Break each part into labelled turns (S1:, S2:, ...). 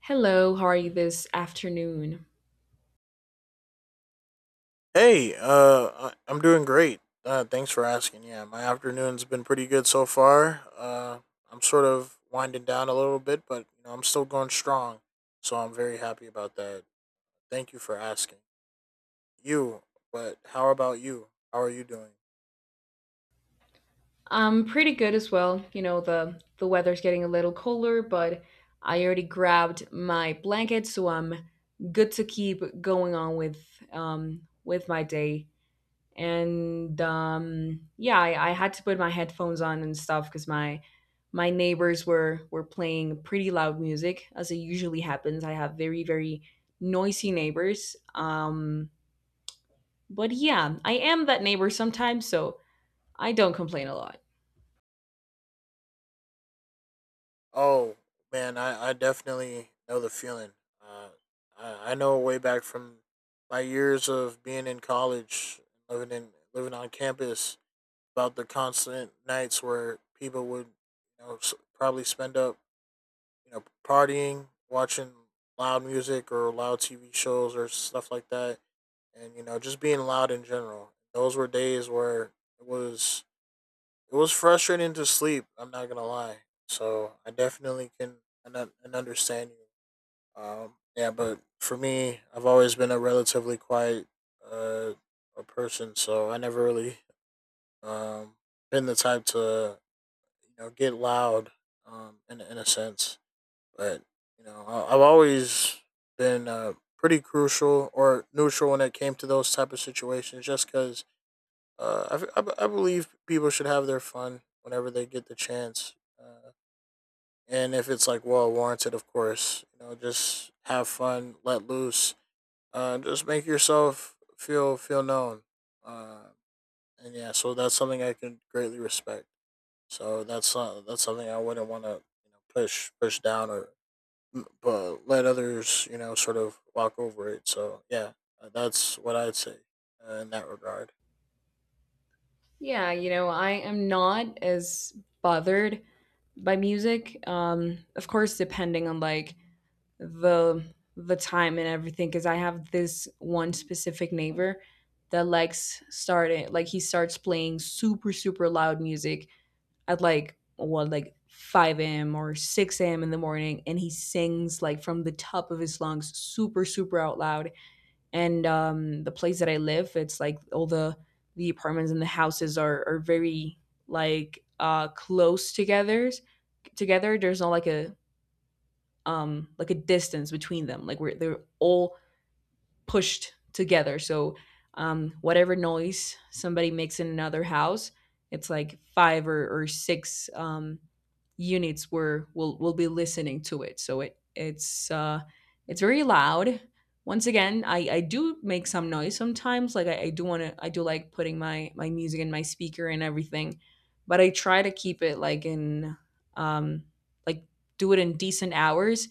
S1: Hello, how are you this afternoon?
S2: Hey, I'm doing great. Thanks for asking. Yeah, my afternoon's been pretty good so far. I'm sort of winding down a little bit, but I'm still going strong, so I'm very happy about that. Thank you for asking. You, but how about you? How are you doing?
S1: I'm pretty good as well. You know, the weather's getting a little colder, but I already grabbed my blanket, so I'm good to keep going on with my day. And yeah, I had to put my headphones on and stuff because my neighbors were playing pretty loud music, as it usually happens. I have very, very noisy neighbors. But yeah, I am that neighbor sometimes, so I don't complain a lot.
S2: Oh man, I definitely know the feeling. Uh, I know way back from my years of being in college, living on campus, about the constant nights where people would, probably spend up, partying, watching loud music or loud TV shows or stuff like that, and just being loud in general. Those were days where it was it was frustrating to sleep. I'm not gonna lie. So I definitely can and understand you. Yeah, but for me, I've always been a relatively quiet uh, a person, so I never really um, been the type to get loud, in a sense, but I've always been pretty crucial or neutral when it came to those type of situations, just because I, f- I, b- I believe people should have their fun whenever they get the chance uh, and if it's like well warranted, of course, just have fun, let loose, just make yourself feel known uh, and yeah, so that's something I can greatly respect. So that's something I wouldn't want to push down or, but let others sort of walk over it. So yeah, that's what I'd say, in that regard.
S1: Yeah, you know, I am not as bothered by music. Of course, depending on like the the time and everything, because I have this one specific neighbor that likes starting like he starts playing super super loud music at like what like 5 a.m. or 6 a.m. in the morning, and he sings like from the top of his lungs, super super out loud. And the place that I live, it's like all the apartments and the houses are very close together. Together, there's not like a distance between them. Like we're they're all pushed together. So whatever noise somebody makes in another house, it's like five or six units where will be listening to it. So it's very loud. Once again, I do make some noise sometimes. Like I do want to I do like putting my music in my speaker and everything, but I try to keep it like in um, like do it in decent hours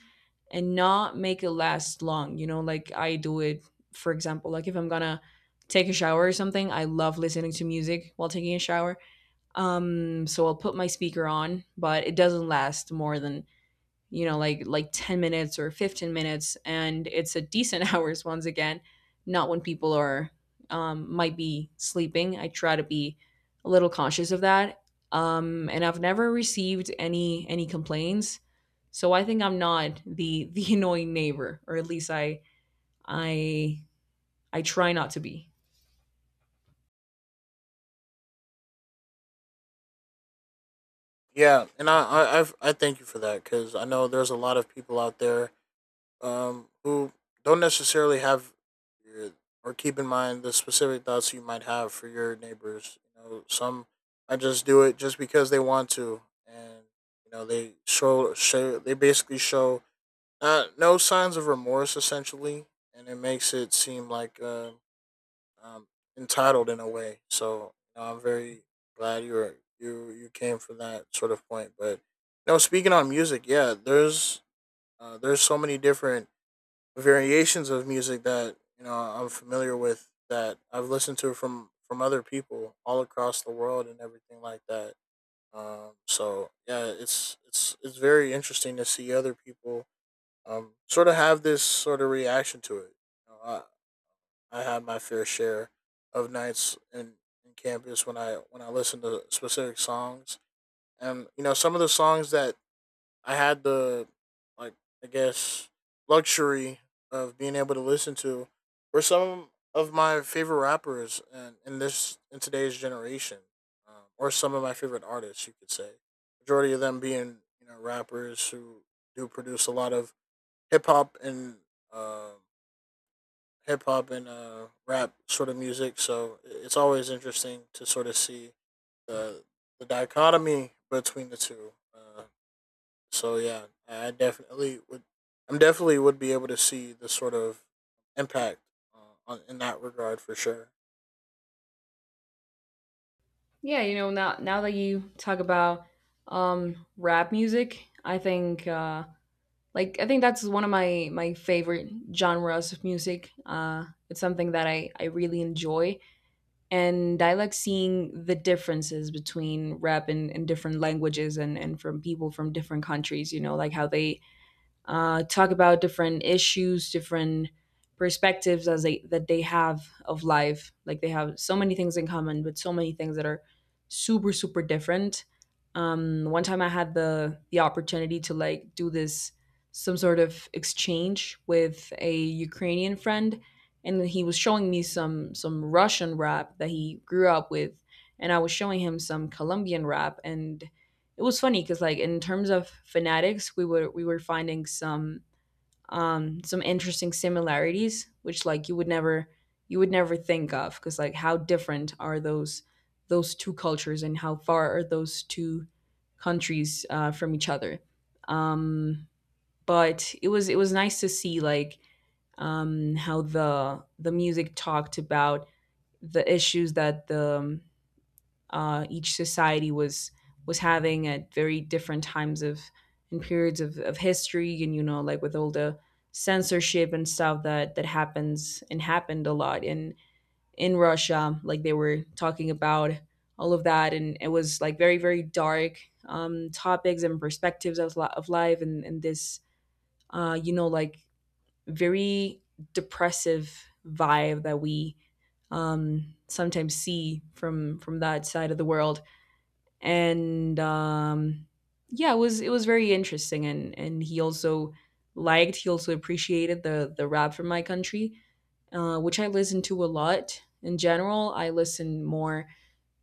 S1: and not make it last long. You know, like I do it for example like if I'm gonna take a shower or something. I love listening to music while taking a shower, so I'll put my speaker on, but it doesn't last more than 10 minutes or 15 minutes, and it's a decent hours. Once again, not when people are might be sleeping. I try to be a little conscious of that. And I've never received any complaints, so I think I'm not the the annoying neighbor, or at least i I try not to be.
S2: Yeah, and I thank you for that, because I know there's a lot of people out there who don't necessarily have your, or keep in mind the specific thoughts you might have for your neighbors. You know, some I just do it just because they want to, and they basically show no signs of remorse, essentially, and it makes it seem like um, entitled in a way. So I'm very glad you were, you came from that sort of point. But no, speaking on music, yeah, there's so many different variations of music that I'm familiar with, that I've listened to from other people all across the world and everything like that. So yeah, it's very interesting to see other people, sort of have this sort of reaction to it. You know, I had my fair share of nights in campus when I listened to specific songs, and some of the songs that I had the like I guess luxury of being able to listen to were some of my favorite rappers in today's generation, or some of my favorite artists, you could say. Majority of them being rappers who do produce a lot of hip hop and uh, hip hop and, rap sort of music. So it's always interesting to sort of see the the dichotomy between the two. So yeah, I definitely would. I'm definitely would be able to see the sort of impact, in that regard, for sure.
S1: Yeah, you know, now that you talk about rap music, I think I think that's one of my favorite genres of music. Uh, it's something that I really enjoy, and I like seeing the differences between rap and different languages and from people from different countries, you know, like how they talk about different issues, different perspectives as they that they have of life. Like they have so many things in common, but so many things that are super super different. One time I had the opportunity to like do this some sort of exchange with a Ukrainian friend, and he was showing me some Russian rap that he grew up with, and I was showing him some Colombian rap. And it was funny because like in terms of fanatics we were finding some interesting similarities, which like you would never think of, because like how different are those two cultures and how far are those two countries, from each other. Um but it was nice to see like how the music talked about the issues that the each society was having at very different times of and periods of history. And you know like with all the censorship and stuff that happens and happened a lot in Russia. Like they were talking about all of that, and it was like very very dark topics and perspectives of, of life, and this uh you know like very depressive vibe that we sometimes see from that side of the world. And yeah, it was very interesting. And he also he also appreciated the rap from my country, which I listen to a lot. In general, I listen more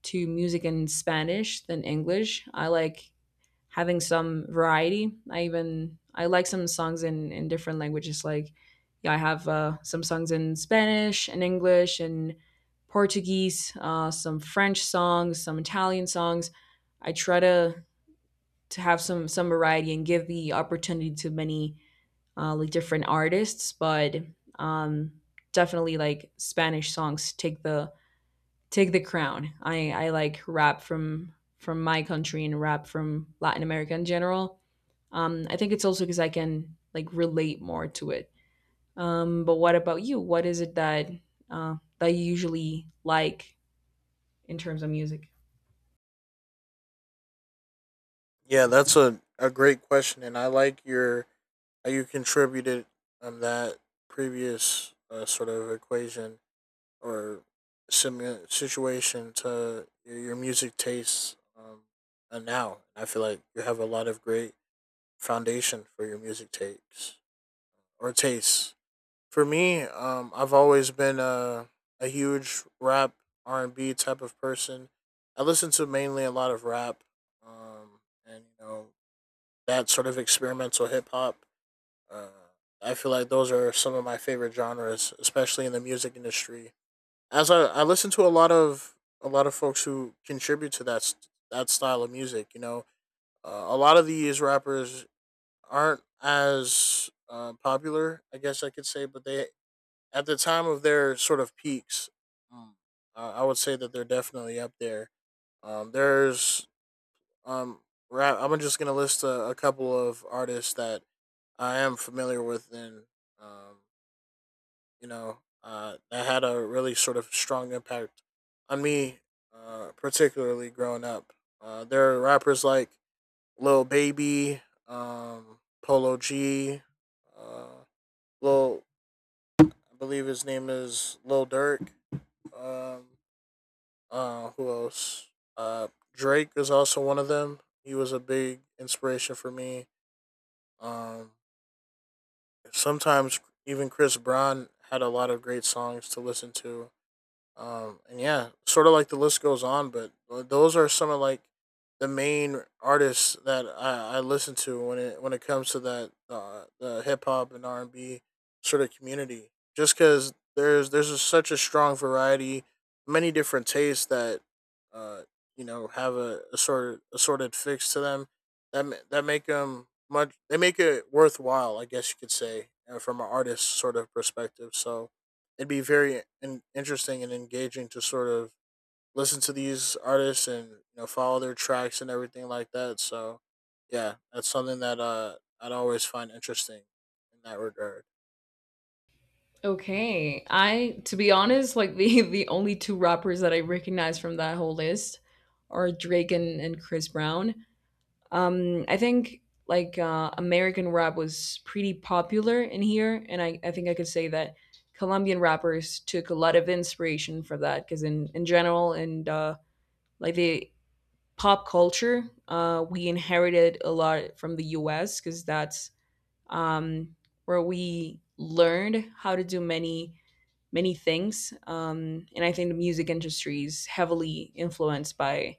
S1: to music in Spanish than English. I like having some variety. I like some songs in different languages. Like yeah, I have some songs in Spanish and English and Portuguese, some French songs, some Italian songs. I try to have some variety and give the opportunity to many like different artists, but um, definitely like Spanish songs take the crown. I like rap from my country and rap from Latin America in general. I think it's also because I can like relate more to it. But what about you? What is it that that you usually like in terms of music?
S2: Yeah, that's a great question, and I like your how you contributed, that previous sort of equation or similar situation to your music tastes, and now. I feel like you have a lot of great foundation for your music takes or tastes. For me, I've always been a huge rap R&B type of person. I listen to mainly a lot of rap, and that sort of experimental hip hop. Uh, I feel like those are some of my favorite genres, especially in the music industry, as I listen to a lot of folks who contribute to that style of music. You know, a lot of these rappers aren't as popular, I guess I could say, but they, at the time of their sort of peaks, um, I would say that they're definitely up there. There's um rap. I'm just gonna list a couple of artists that I am familiar with, and um, that had a really sort of strong impact on me, particularly growing up. There are rappers like Lil Baby, Polo G, uh, Lil, I believe his name is Lil Durk. Um, who else? Uh, Drake is also one of them. He was a big inspiration for me. Um, Sometimes even Chris Brown had a lot of great songs to listen to. And yeah, sort of like the list goes on, but those are some of like the main artists that I listen to when it comes to that, the hip hop and R&B sort of community. Just because there's such a strong variety, many different tastes that uh, have a assorted fix to them, that make them much they make it worthwhile, I guess you could say, from an artist sort of perspective. So it'd be very interesting and engaging to sort of listen to these artists and follow their tracks and everything like that. So yeah, that's something that I'd always find interesting in that regard.
S1: Okay, I to be honest, like the the only two rappers that I recognize from that whole list are Drake and Chris Brown. I think American rap was pretty popular in here, and I think I could say that Colombian rappers took a lot of inspiration for that because in general. And the pop culture, uh, we inherited a lot from the US, because that's um, where we learned how to do many things. And I think the music industry is heavily influenced by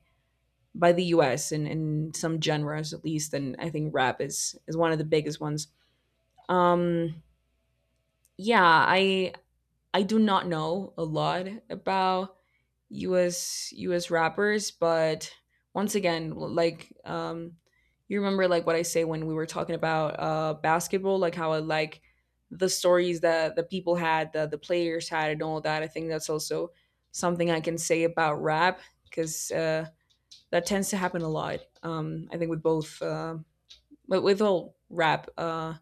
S1: the US and some genres at least. And I think rap is one of the biggest ones. Um, yeah, I do not know a lot about US rappers, but once again, you remember like what I say when we were talking about basketball, like how I like the stories that the people had, the players had and all that. I think that's also something I can say about rap, because that tends to happen a lot. I think with both but with all rap,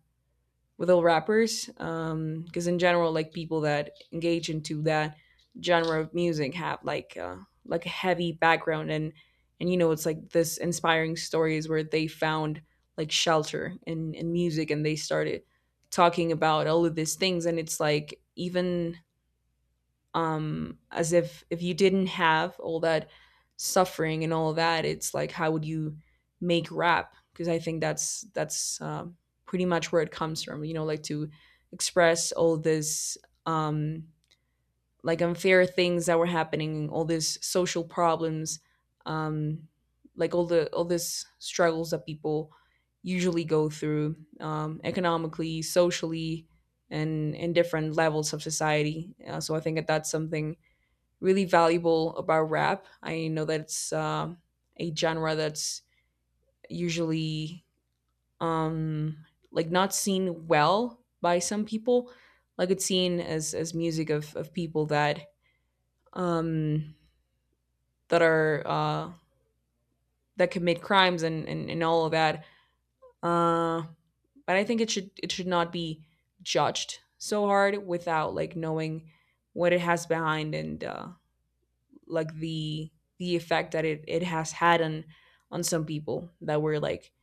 S1: with all rappers, because in general like people that engage into that genre of music have a heavy background. And you know it's like this inspiring stories where they found like shelter in music, and they started talking about all of these things. And it's like even as if you didn't have all that suffering and all that, it's like how would you make rap, because I think that's pretty much where it comes from, you know, like to express all this um like unfair things that were happening, all these social problems, um like all the all this struggles that people usually go through, economically, socially, and in different levels of society. So I think that that's something really valuable about rap. I know that it's a genre that's usually um, like not seen well by some people. Like it's seen as music of people that um, that are that commit crimes and, and all of that. Uh, but I think it should not be judged so hard without like knowing what it has behind. And like the the effect that it has had on some people that were like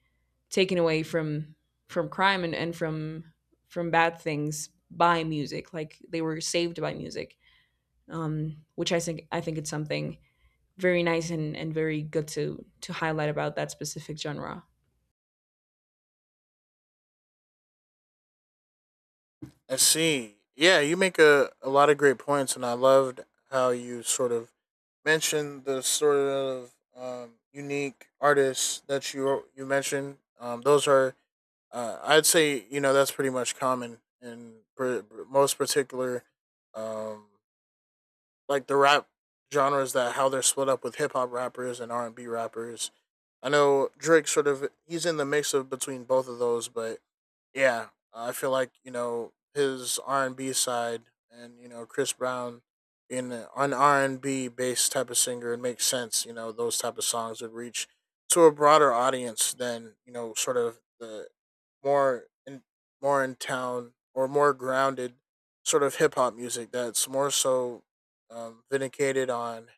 S1: taken away from crime and from bad things by music, like they were saved by music. Which I think it's something very nice and very good to highlight about that specific genre.
S2: I see. Yeah, you make a lot of great points, and I loved how you sort of mentioned the sort of, unique artists that you mentioned. I'd say, you know, that's pretty much common most particular, um, like the rap genres, that how they're split up with hip hop rappers and R&B rappers. I know Drake, he's in the mix of between both of those, but yeah, I feel like his R&B side, and Chris Brown in an R&B based type of singer. It makes sense, you know, those type of songs would reach to a broader audience than sort of the more in more in town, or more grounded sort of hip hop music that's more so, vindicated on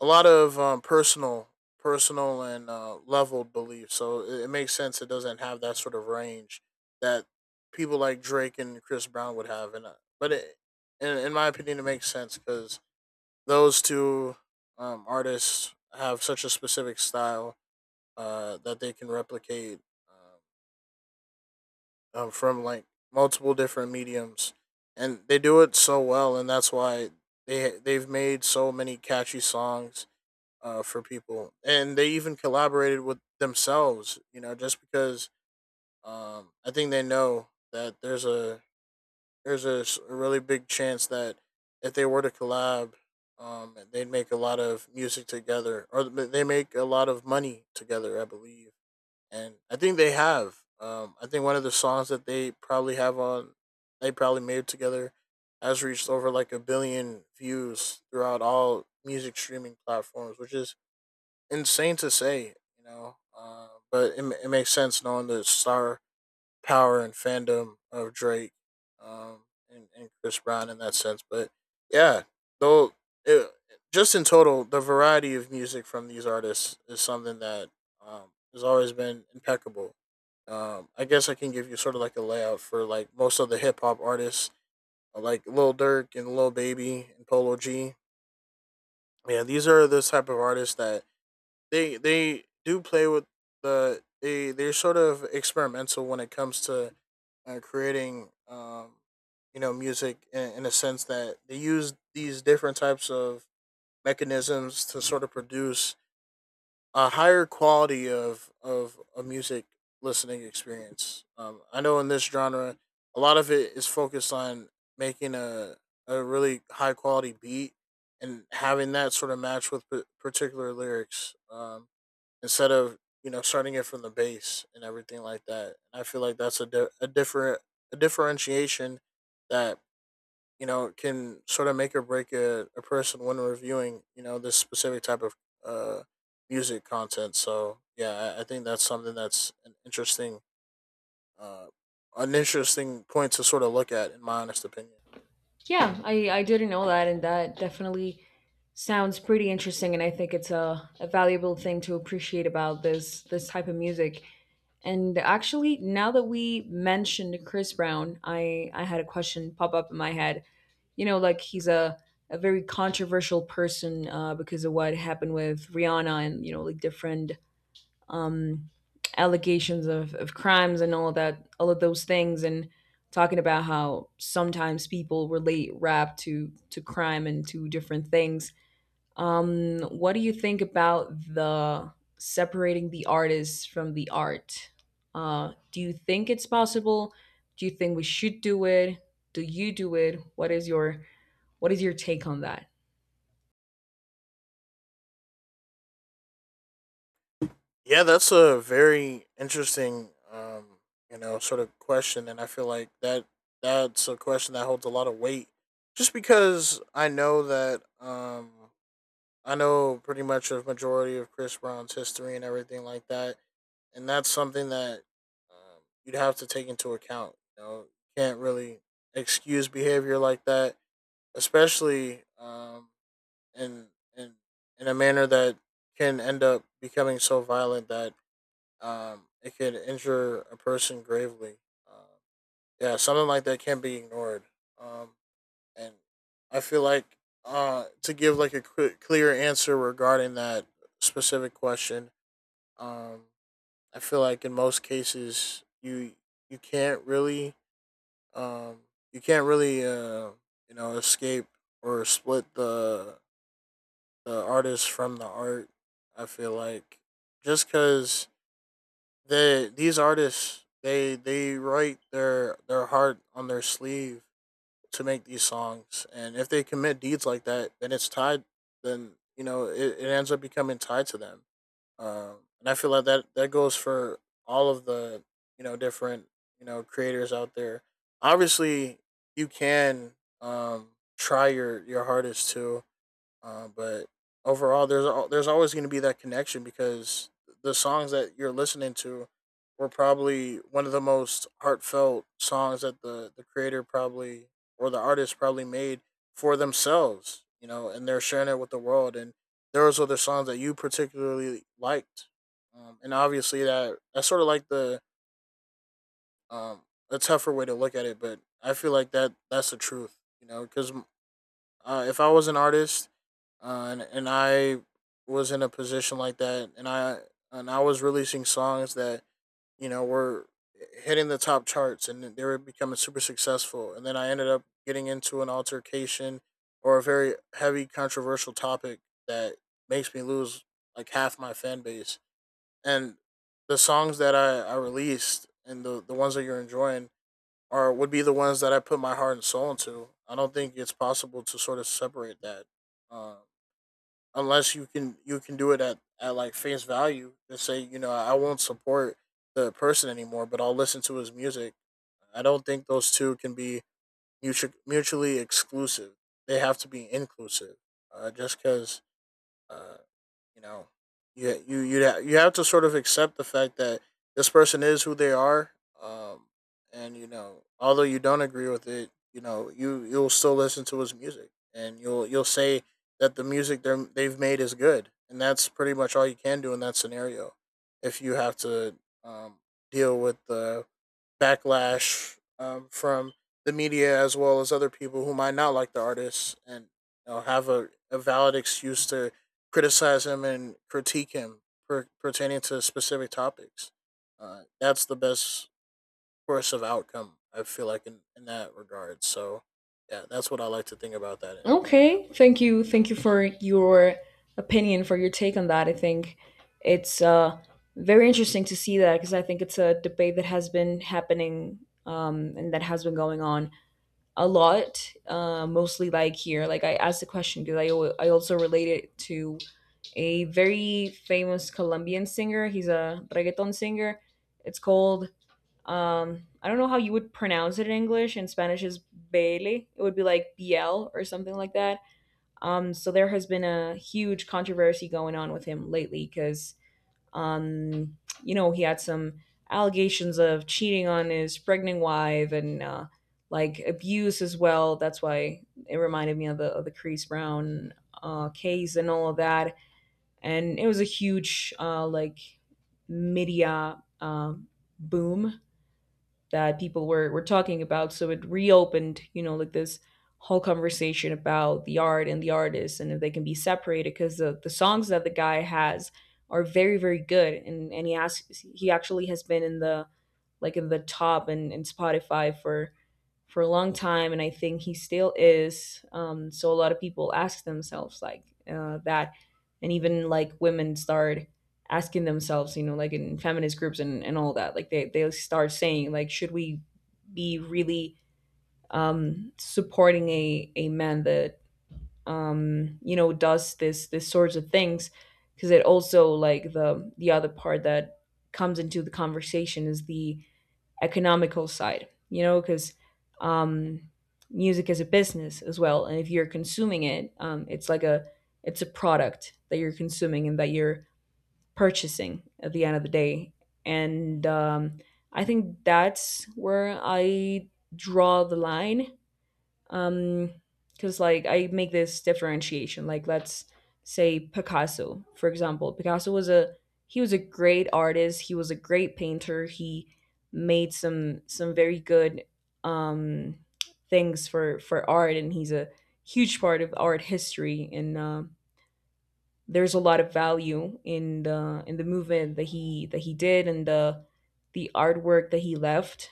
S2: a lot of, personal and, leveled beliefs, so it makes sense it doesn't have that sort of range that people like Drake and Chris Brown would have, and but in my opinion, it makes sense because those two artists have such a specific style, that they can replicate um, from like multiple different mediums, and they do it so well, and that's why they've made so many catchy songs, for people, and they even collaborated with themselves. You know, just because, I think they know that a really big chance that if they were to collab, they'd make a lot of music together, or they make a lot of money together. I believe, and I think they have. I think one of the songs that they probably made together has reached over like a billion views throughout all music streaming platforms, which is insane to say, you know, but it makes sense, knowing the star power and fandom of Drake um, and Chris Brown in that sense. But yeah, though, it, just in total, the variety of music from these artists is something that, has always been impeccable. I guess I can give you sort of like a layout for like most of the hip hop artists, like Lil Durk and Lil Baby and Polo G. Yeah, these are the type of artists that they do play with they're sort of experimental when it comes to, creating music in a sense that they use these different types of mechanisms to sort of produce a higher quality of a music listening experience. I know in this genre, a lot of it is focused on making a really high quality beat and having that sort of match with particular lyrics. Instead of starting it from the base and everything like that. And I feel like that's a differentiation that can sort of make or break a person when reviewing this specific type of uh music content. So yeah, I think that's something that's uh an interesting point to sort of look at, in my honest opinion.
S1: Yeah, I didn't know that, and that definitely sounds pretty interesting. And I think it's a valuable thing to appreciate about this type of music. And actually, now that we mentioned Chris Brown, I had a question pop up in my head. You know, like he's a very controversial person, because of what happened with Rihanna, and you know like different um, allegations of crimes and all of that, all of those things, and talking about how sometimes people relate rap to crime and to different things. What do you think about the separating the artists from the art? Do you think it's possible? Do you think we should do it? Do you do it? What is your take on that?
S2: Yeah, that's a very interesting, sort of question, and I feel like that's a question that holds a lot of weight, just because I know that I know pretty much a majority of Chris Brown's history and everything like that, and that's something that you'd have to take into account. You know, you can't really excuse behavior like that, especially in in in a manner that can end up becoming so violent that it could injure a person gravely. Um, yeah, something like that can't be ignored. Um, and I feel like to give like a clear answer regarding that specific question, um, I feel like in most cases you can't really um, you can't really escape or split the artist from the art. I feel like just because They these artists they write their heart on their sleeve to make these songs, and if they commit deeds like that, then it's tied. Then you know it ends up becoming tied to them. And I feel like that goes for all of the different creators out there. Obviously, you can um, try your hardest to but overall, there's always going to be that connection because the songs that you're listening to were probably one of the most heartfelt songs that the creator probably or the artist probably made for themselves, you know, and they're sharing it with the world. And there was other songs that you particularly liked, and obviously that's sort of like the um, a tougher way to look at it, but I feel like that's the truth, you know, because if I was an artist, and I was in a position like that, and I was releasing songs that you know were hitting the top charts, and they were becoming super successful, and then I ended up getting into an altercation or a very heavy controversial topic that makes me lose like half my fan base, and the songs that I released and the ones that you're enjoying are would be the ones that I put my heart and soul into. I don't think it's possible to sort of separate that, uh, unless you can do it at like face value and say, you know, I won't support the person anymore, but I'll listen to his music. I don't think those two can be mutually exclusive. They have to be inclusive. Just because uh, you know, you have to sort of accept the fact that this person is who they are. Um, and you know, although you don't agree with it, you know, you'll still listen to his music, and you'll say that the music they've made is good, and that's pretty much all you can do in that scenario. If you have to um, deal with the backlash from the media as well as other people who might not like the artists, and you know, have a valid excuse to criticize him and critique him pertaining to specific topics. That's the best course of outcome. I feel like in that regard. So yeah, that's what I like to think about that in that
S1: Okay,
S2: way.
S1: thank you. Thank you for your opinion, for your take on that. I think it's very interesting to see that, because I think it's a debate that has been happening, and that has been going on a lot, mostly like here. Like I asked the question because I also relate it to a very famous Colombian singer. He's a reggaeton singer. It's called, I don't know how you would pronounce it in English. In Spanish is Bele. It would be like BL or something like that. So there has been a huge controversy going on with him lately because, um, you know, he had some allegations of cheating on his pregnant wife and like abuse as well. That's why it reminded me of the Chris Brown case and all of that. And it was a huge like media boom that people were talking about. So it reopened, you know, like this whole conversation about the art and the artists and if they can be separated because the songs that the guy has are very very good and he actually has been in the like in the top and in Spotify for a long time, and I think he still is. So a lot of people ask themselves like that, and even like women start asking themselves, you know, like in feminist groups and all that, like they start saying like, should we be really supporting a man that, you know, does this, this sorts of things? Cause it also like the other part that comes into the conversation is the economical side, you know, because um, music is a business as well, and if you're consuming it, it's like a it's a product that you're consuming and that you're purchasing at the end of the day, and I think that's where I draw the line um because like I make this differentiation, like let's say Picasso for example. Picasso was a he was a great artist, he was a great painter, he made some very good um things for art, and he's a huge part of art history, and there's a lot of value in the movement that he did and the artwork that he left.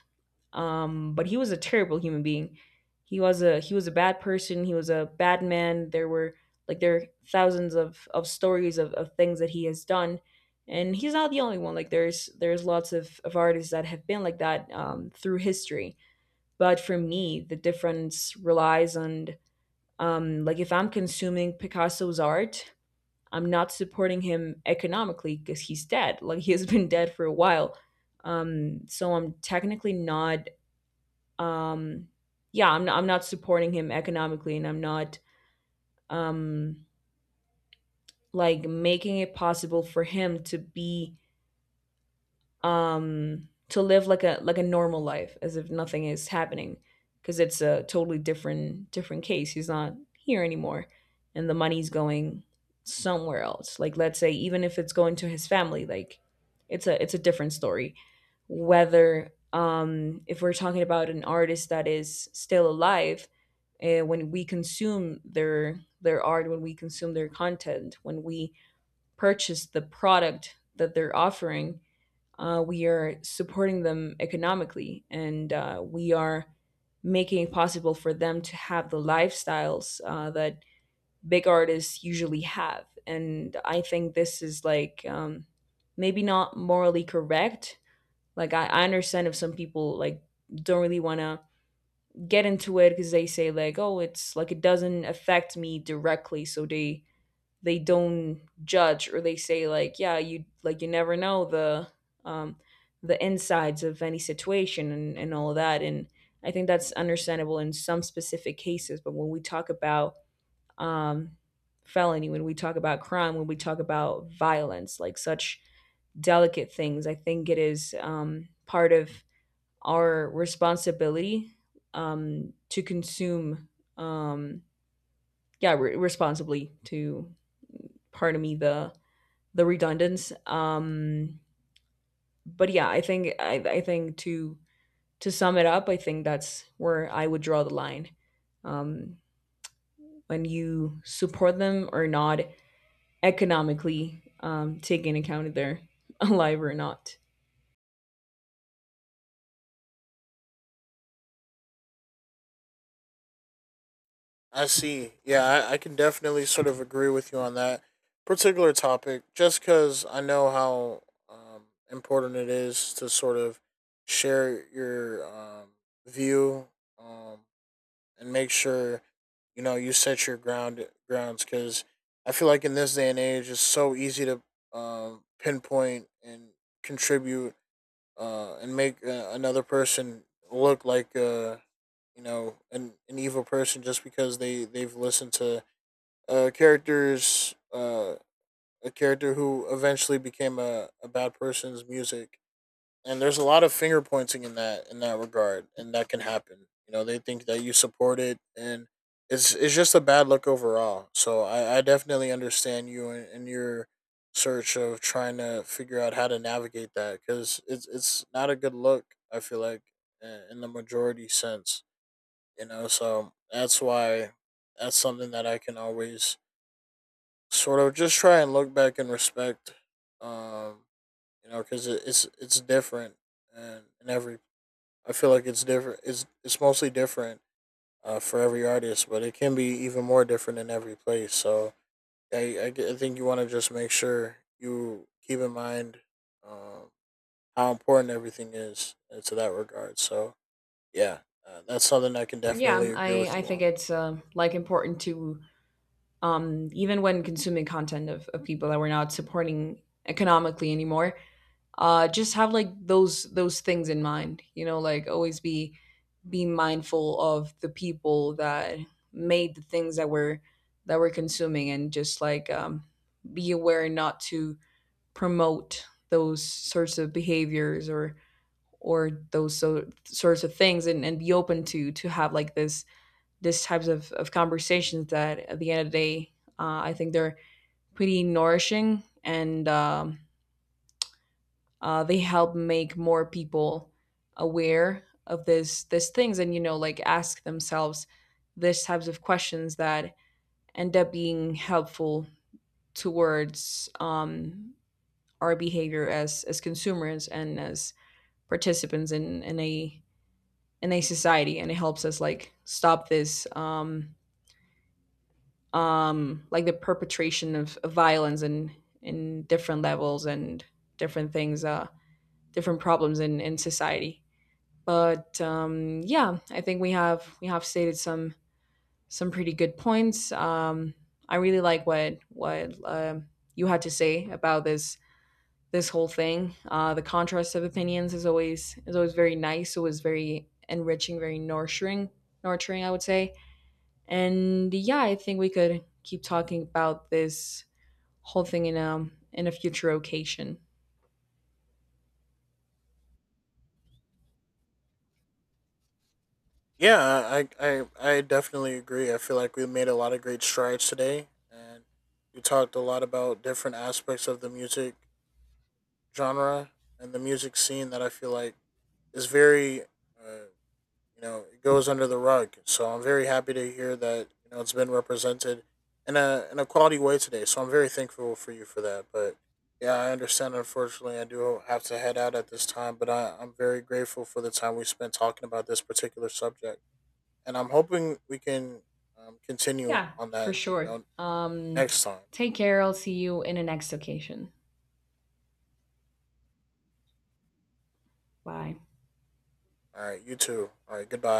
S1: But he was a terrible human being. He was a bad person. He was a bad man. There were like there are thousands of stories of things that he has done, and he's not the only one. Like there's lots of artists that have been like that through history. But for me, the difference relies on like if I'm consuming Picasso's art, I'm not supporting him economically because he's dead. Like he has been dead for a while. So I'm technically um not. I'm not supporting him economically and I'm not um like making it possible for him to be to live like a normal life as if nothing is happening, because it's a totally different case. He's not here anymore, and the money's going somewhere else. Like let's say even if it's going to his family, like it's a different story, whether if we're talking about an artist that is still alive. When we consume their art, when we consume their content, when we purchase the product that they're offering, we are supporting them economically, and we are making it possible for them to have the lifestyles that big artists usually have. And I think this is like maybe not morally correct. Like I understand if some people like don't really want to get into it because they say like, oh, it's like it doesn't affect me directly, so they don't judge, or they say like yeah you like you never know um the insides of any situation and all of that, and I think that's understandable in some specific cases. But when we talk about um felony, when we talk about crime, when we talk about violence, like such delicate things, I think it is part of our responsibility to consume um responsibly, to pardon me the redundance. But yeah, I think I think to sum it up, I think that's where I would draw the line. Um, when you support them or not economically, taking account if they're alive or not.
S2: I see. Yeah, I can definitely sort of agree with you on that particular topic, just because I know how um, important it is to sort of share your view, um, and make sure you know you set your grounds because I feel like in this day and age, it's so easy to pinpoint and contribute and make another person look like you know an evil person just because they've listened to characters a character who eventually became a bad person's music, and there's a lot of finger pointing in that regard, and that can happen. You know, they think that you support it, and it's just a bad look overall. So I definitely understand you in your search of trying to figure out how to navigate that because it's not a good look. I feel like in the majority sense, you know. So that's why that's something that I can always sort of just try and look back and respect, um, you know, because it's different and in every I feel like it's different. It's mostly different for every artist, but it can be even more different in every place. So I think you want to just make sure you keep in mind um, how important everything is to that regard. So yeah, that's something I can definitely
S1: Yeah,
S2: agree
S1: I
S2: with
S1: I
S2: you
S1: think
S2: on.
S1: it's like important to even when consuming content of people that we're not supporting economically anymore. Just have like those things in mind, you know, like always be mindful of the people that made the things that we're consuming, and just like be aware not to promote those sorts of behaviors or those so, sorts of things, and be open to have like this types of conversations that at the end of the day I think they're pretty nourishing and they help make more people aware of this these things, and you know like ask themselves these types of questions that end up being helpful towards our behavior as consumers and as participants in a society. And it helps us like stop this like the perpetration of violence and in different levels and different things, different problems in society. But yeah, I think we have stated some pretty good points. I really like what what you had to say about this this whole thing. The contrast of opinions is always very nice. It was very enriching, very nurturing, nurturing, I would say. And yeah, I think we could keep talking about this whole thing in a future occasion.
S2: Yeah, I I definitely agree. I feel like we made a lot of great strides today, and we talked a lot about different aspects of the music genre and the music scene that I feel like is very, you know, it goes under the rug. So I'm very happy to hear that you know it's been represented in a quality way today. So I'm very thankful for you for that. But yeah, I understand. Unfortunately, I do have to head out at this time. But I'm very grateful for the time we spent talking about this particular subject, and I'm hoping we can continue
S1: Yeah,
S2: on
S1: for
S2: that you
S1: sure.
S2: know next time.
S1: Take care. I'll see you in the next occasion. Bye.
S2: All right, you too. All right, goodbye.